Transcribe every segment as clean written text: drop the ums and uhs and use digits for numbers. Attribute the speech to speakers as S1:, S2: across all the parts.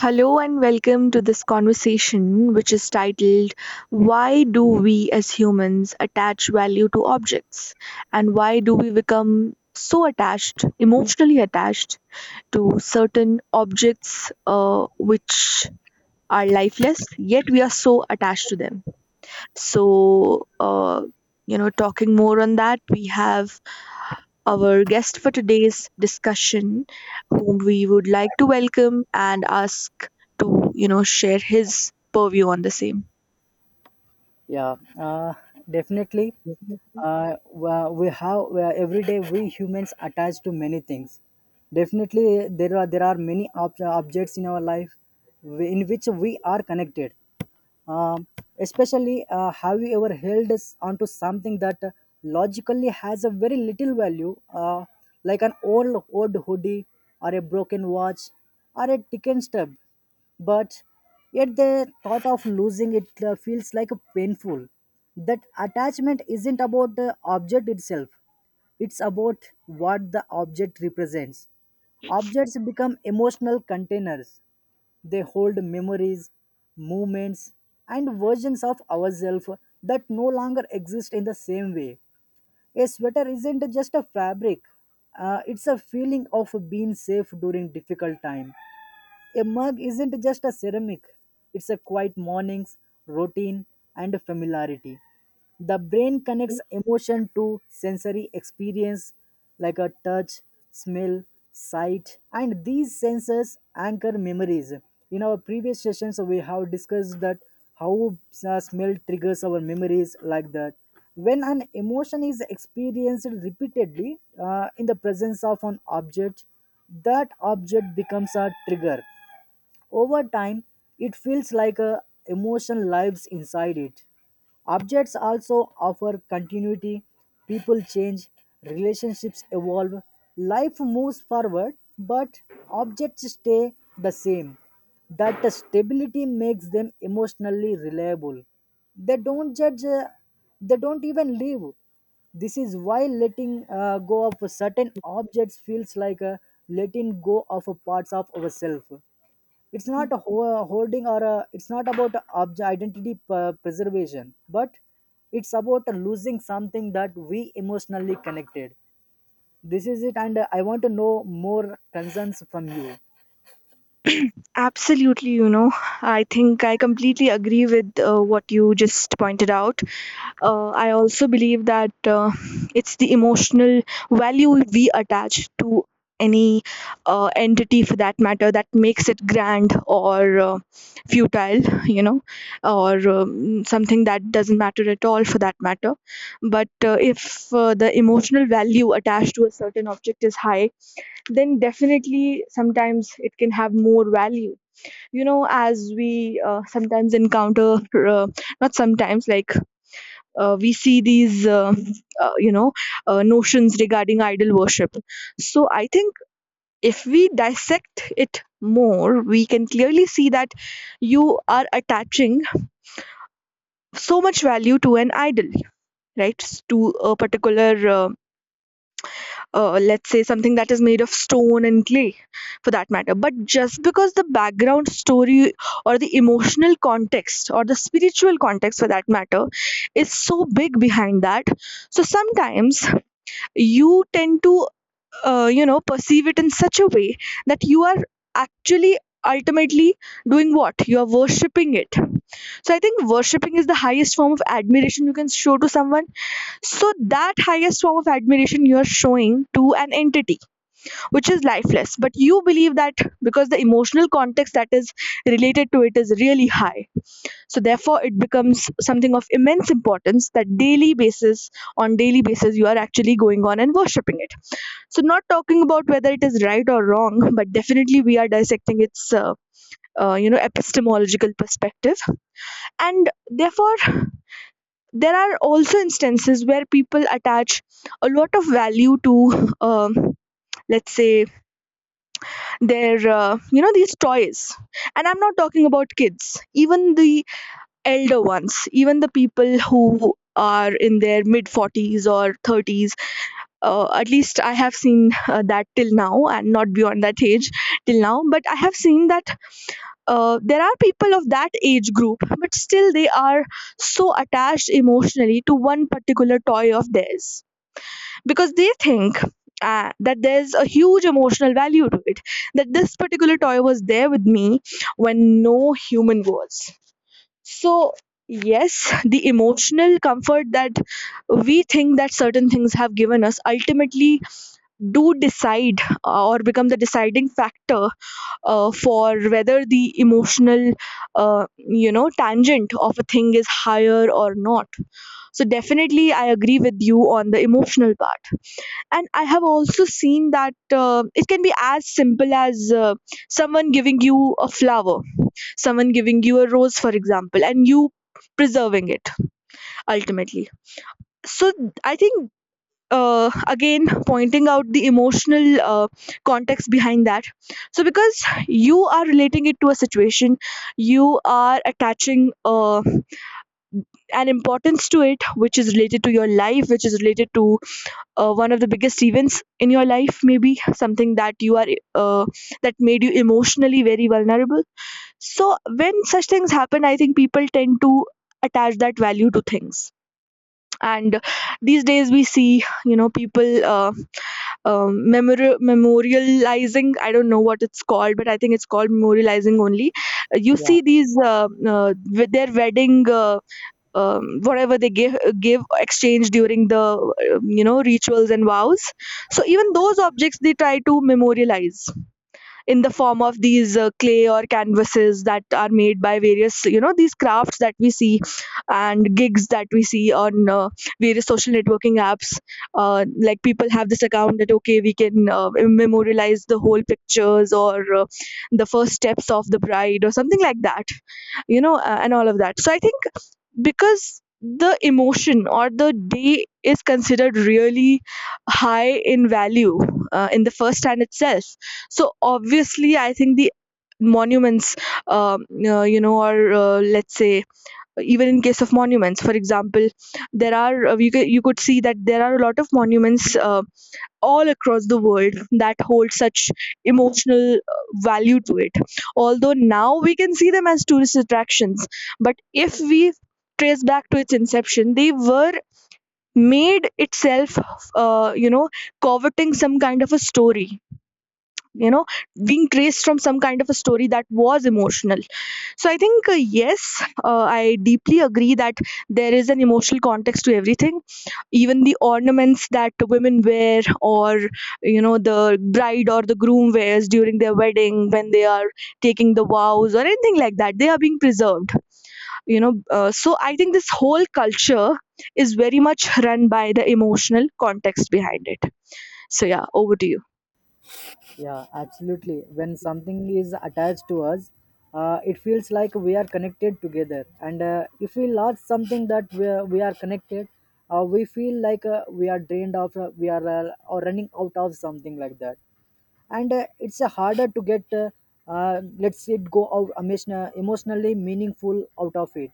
S1: Hello and welcome to this conversation, which is titled Why Do We as Humans Attach Value to Objects? And Why Do We Become So Attached, Emotionally Attached to Certain Objects, which are lifeless, yet we are so attached to them? So, talking more on that, we have our guest for today's discussion, whom we would like to welcome and ask to share his purview on the same.
S2: Yeah, definitely. We have every day we humans attached to many things. Definitely, there are many objects in our life in which we are connected. Um, especially, have you ever held us onto something that logically has a very little value, like an old hoodie or a broken watch or a ticket stub, but yet the thought of losing it feels like a painful. That attachment isn't about the object itself; it's about what the object represents. Objects become emotional containers. They hold memories, movements, and versions of ourselves that no longer exist in the same way. A sweater isn't just a fabric, it's a feeling of being safe during difficult time. A mug isn't just a ceramic, it's a quiet mornings, routine, and familiarity. The brain connects emotion to sensory experience like a touch, smell, sight, and these senses anchor memories. In our previous sessions, we have discussed that how smell triggers our memories like that. When an emotion is experienced repeatedly in the presence of an object, that object becomes a trigger over time. It feels like a emotion lives inside it. Objects also offer continuity. People change, relationships evolve, life moves forward, but objects stay the same. That stability makes them emotionally reliable. They don't judge, they don't even leave. This is why letting go of certain objects feels like a letting go of a parts of ourselves. It's not a hoarding or a, it's not about object identity preservation, but it's about losing something that we emotionally connected. This is it, and I want to know more concerns from you.
S1: Absolutely, I think I completely agree with what you just pointed out. I also believe that it's the emotional value we attach to any entity for that matter that makes it grand, or futile, or something that doesn't matter at all for that matter. But if the emotional value attached to a certain object is high, then definitely sometimes it can have more value. As we sometimes encounter, uh, not sometimes, like we see these uh, you know notions regarding idol worship. So I think if we dissect it more, we can clearly see that you are attaching so much value to an idol, right? To a particular, let's say, something that is made of stone and clay for that matter, but just because the background story or the emotional context or the spiritual context for that matter is so big behind that. So sometimes you tend to perceive it in such a way that you are actually ultimately doing, what you are worshipping it. So I think worshipping is the highest form of admiration you can show to someone. So that highest form of admiration you are showing to an entity which is lifeless, but you believe that because the emotional context that is related to it is really high. So therefore it becomes something of immense importance that daily basis, on daily basis, you are actually going on and worshipping it. So, not talking about whether it is right or wrong, but definitely we are dissecting its epistemological perspective, and therefore, there are also instances where people attach a lot of value to, let's say, their these toys. And I'm not talking about kids, even the elder ones, even the people who are in their mid 40s or 30s. At least I have seen that till now and not beyond that age till now, but I have seen that there are people of that age group, but still they are so attached emotionally to one particular toy of theirs, because they think that there's a huge emotional value to it, that this particular toy was there with me when no human was. So, yes, the emotional comfort that we think that certain things have given us ultimately do decide, or become the deciding factor for whether the emotional tangent of a thing is higher or not. So definitely I agree with you on the emotional part, and I have also seen that it can be as simple as someone giving you a flower, someone giving you a rose, for example, and you preserving it ultimately. So I think, again pointing out the emotional context behind that. So because you are relating it to a situation, you are attaching an importance to it which is related to your life, which is related to one of the biggest events in your life, maybe something that you are, uh, that made you emotionally very vulnerable. So when such things happen, I think people tend to attach that value to things. And these days we see, people memorializing. I don't know what it's called, but I think it's called memorializing only. You see
S2: Yeah.
S1: these with their wedding, whatever they give exchange during the rituals and vows. So even those objects they try to memorialize in the form of these clay or canvases that are made by various, these crafts that we see and gigs that we see on various social networking apps. Like, people have this account that, okay, we can memorialize the whole pictures or uh, the first steps of the bride or something like that, and all of that. So I think, because the emotion or the day is considered really high in value in the first hand itself. So obviously I think the monuments, um, or let's say, even in case of monuments, for example, there are, you could see that there are a lot of monuments all across the world that hold such emotional value to it. Although now we can see them as tourist attractions, but if we trace back to its inception, they were made itself, uh, you know coveting some kind of a story, you know being traced from some kind of a story that was emotional. So I think, yes, I deeply agree that there is an emotional context to everything, even the ornaments that women wear, or the bride or the groom wears during their wedding when they are taking the vows or anything like that, they are being preserved, so I think this whole culture is very much run by the emotional context behind it. So yeah, over to you.
S2: Yeah, absolutely. When something is attached to us, it feels like we are connected together. And if we lost something that we are connected, we feel like we are drained of, we are or running out of something like that. And it's harder to get, let's say, go out emotionally meaningful out of it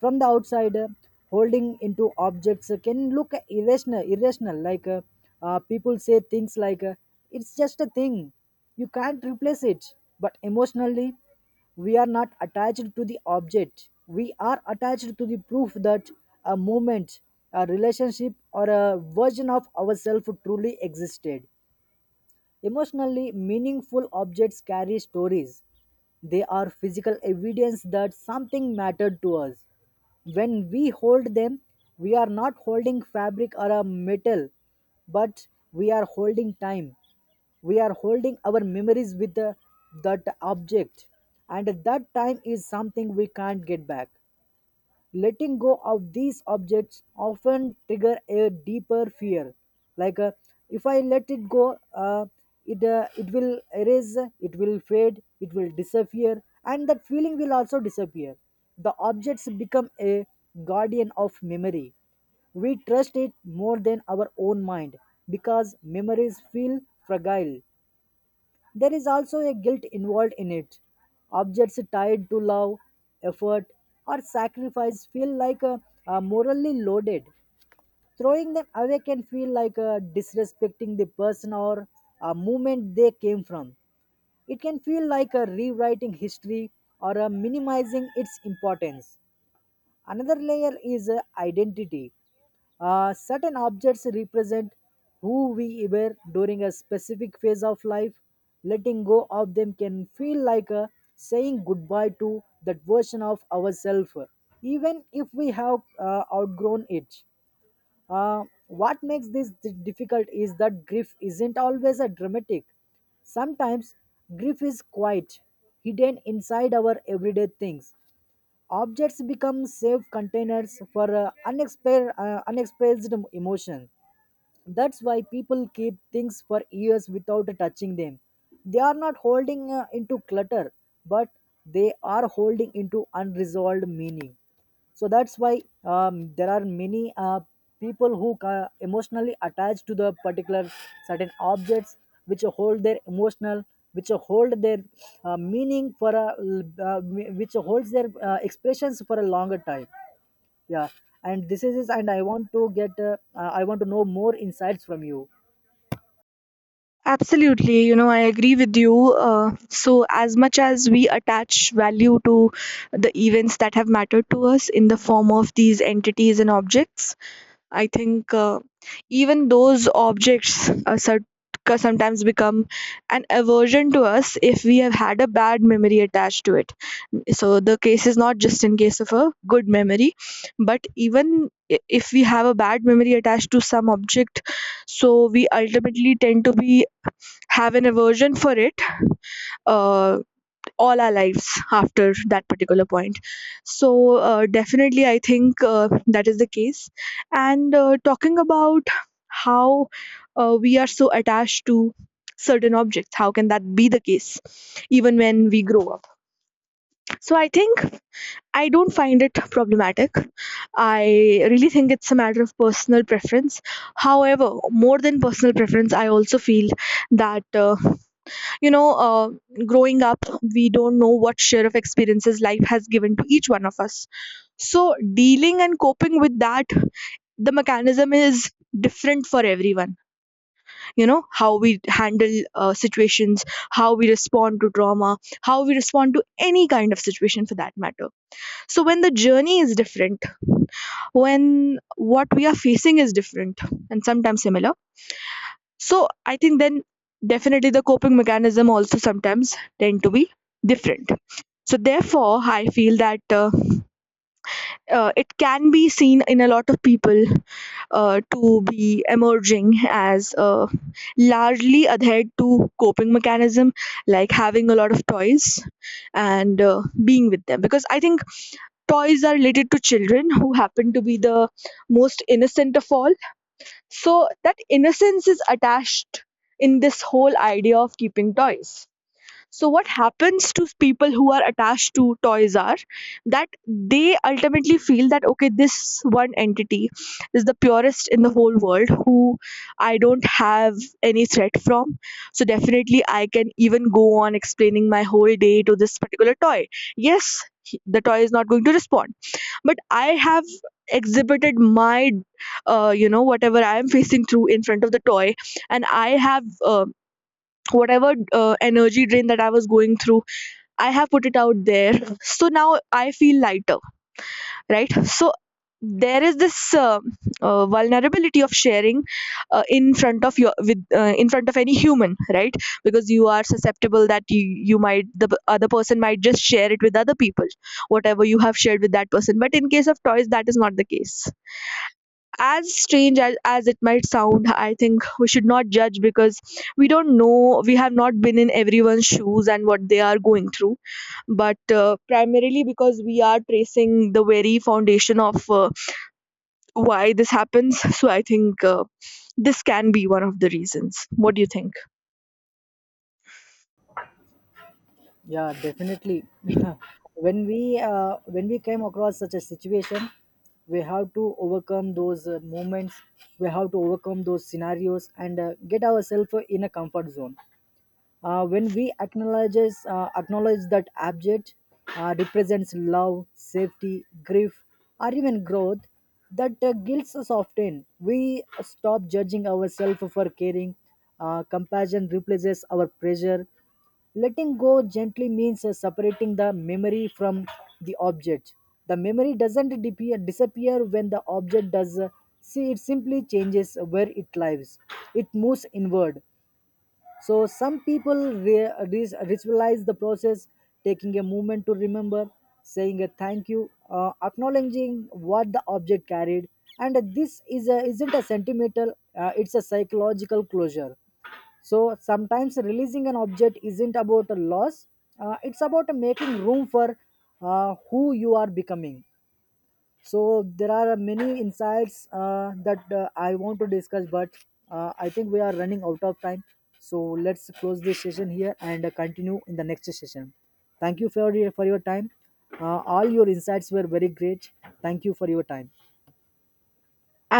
S2: from the outside, holding into objects can look irrational like people say things like it's just a thing, you can't replace it. But emotionally, we are not attached to the object, we are attached to the proof that a moment, a relationship, or a version of ourselves truly existed. Emotionally meaningful objects carry stories. They are physical evidence that something mattered to us. When we hold them, we are not holding fabric or a metal, but we are holding time. We are holding our memories with the, that object, and that time is something we can't get back. Letting go of these objects often trigger a deeper fear. Like if I let it go, it will erase, it will fade, it will disappear, and that feeling will also disappear. The objects become a guardian of memory. We trust it more than our own mind because memories feel fragile. There is also a guilt involved in it. Objects tied to love, effort, or sacrifice feel like morally loaded. Throwing them away can feel like disrespecting the person or movement they came from. It can feel like a rewriting history or minimizing its importance. Another layer is identity. Certain objects represent who we were during a specific phase of life. Letting go of them can feel like a saying goodbye to that version of ourselves, even if we have outgrown it. What makes this difficult is that grief isn't always a dramatic. Sometimes grief is quiet, hidden inside our everyday things. Objects become safe containers for unexpressed emotions. That's why people keep things for years without touching them. They are not holding into clutter, but they are holding into unresolved meaning. So that's why there are many people who emotionally attached to the particular certain objects, which hold their emotional, which hold their meaning for a, which holds their expressions for a longer time. Yeah. And this is, and I want to get I want to know more insights from you.
S1: Absolutely, I agree with you. So, as much as we attach value to the events that have mattered to us in the form of these entities and objects, I think even those objects sometimes become an aversion to us if we have had a bad memory attached to it. So the case is not just in case of a good memory, but even if we have a bad memory attached to some object, so we ultimately tend to be, have an aversion for it. Uh, all our lives after that particular point. So, definitely, I think that is the case. And talking about how we are so attached to certain objects, how can that be the case even when we grow up? So, I think I don't find it problematic. I really think it's a matter of personal preference. However, more than personal preference, I also feel that. You know uh, Growing up, we don't know what share of experiences life has given to each one of us. So dealing and coping with that, the mechanism is different for everyone. You know how we handle situations, how we respond to trauma, how we respond to any kind of situation for that matter. So when the journey is different, when what we are facing is different, and sometimes similar. So I think then definitely the coping mechanism also sometimes tend to be different. So therefore, I feel that it can be seen in a lot of people to be emerging as largely adhered to coping mechanism, like having a lot of toys and being with them. Because I think toys are related to children who happen to be the most innocent of all, so that innocence is attached in this whole idea of keeping toys. So what happens to people who are attached to toys are that they ultimately feel that, okay, this one entity is the purest in the whole world, who I don't have any threat from. So definitely I can even go on explaining my whole day to this particular toy. Yes, the toy is not going to respond, but I have exhibited my whatever I am facing through in front of the toy, and I have, uh, whatever energy drain that I was going through, I have put it out there. So now I feel lighter, right? So, there is this vulnerability of sharing, in front of any human, right, because you are susceptible that you might the p- other person might just share it with other people, whatever you have shared with that person. But in case of toys, that is not the case. As strange as it might sound, I think we should not judge, because we don't know, we have not been in everyone's shoes and what they are going through. But primarily because we are tracing the very foundation of why this happens, so I think this can be one of the reasons. What do you think?
S2: Yeah, definitely. When we when we came across such a situation, we have to overcome those moments, we have to overcome those scenarios and get ourselves in a comfort zone. When we acknowledge that object represents love, safety, grief, or even growth, that guilt soften. We stop judging ourselves for caring. Compassion replaces our pressure. Letting go gently means separating the memory from the object. The memory doesn't disappear when the object does. See, it simply changes where it lives. It moves inward. So some people ritualize the process, taking a moment to remember, saying a thank you, acknowledging what the object carried, and this is a, isn't a sentimental; it's a psychological closure. So sometimes releasing an object isn't about a loss; it's about making room for who you are becoming. So there are many insights that I want to discuss, but I think we are running out of time. So let's close this session here and continue in the next session. Thank you for your time. All your insights were very great. Thank you for your time.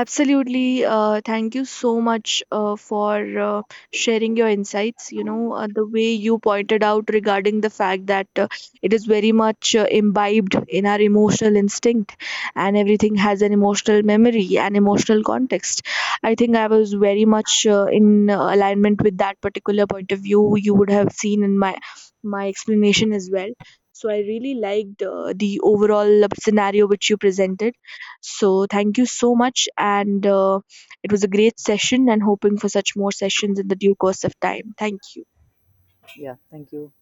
S1: Absolutely. Thank you so much for sharing your insights. The way you pointed out regarding the fact that it is very much imbibed in our emotional instinct, and everything has an emotional memory and emotional context. I think I was very much in alignment with that particular point of view, you would have seen in my explanation as well. So I really liked the overall scenario which you presented, so thank you so much. And it was a great session, and hoping for such more sessions in the due course of time. Thank you.
S2: Yeah, thank you.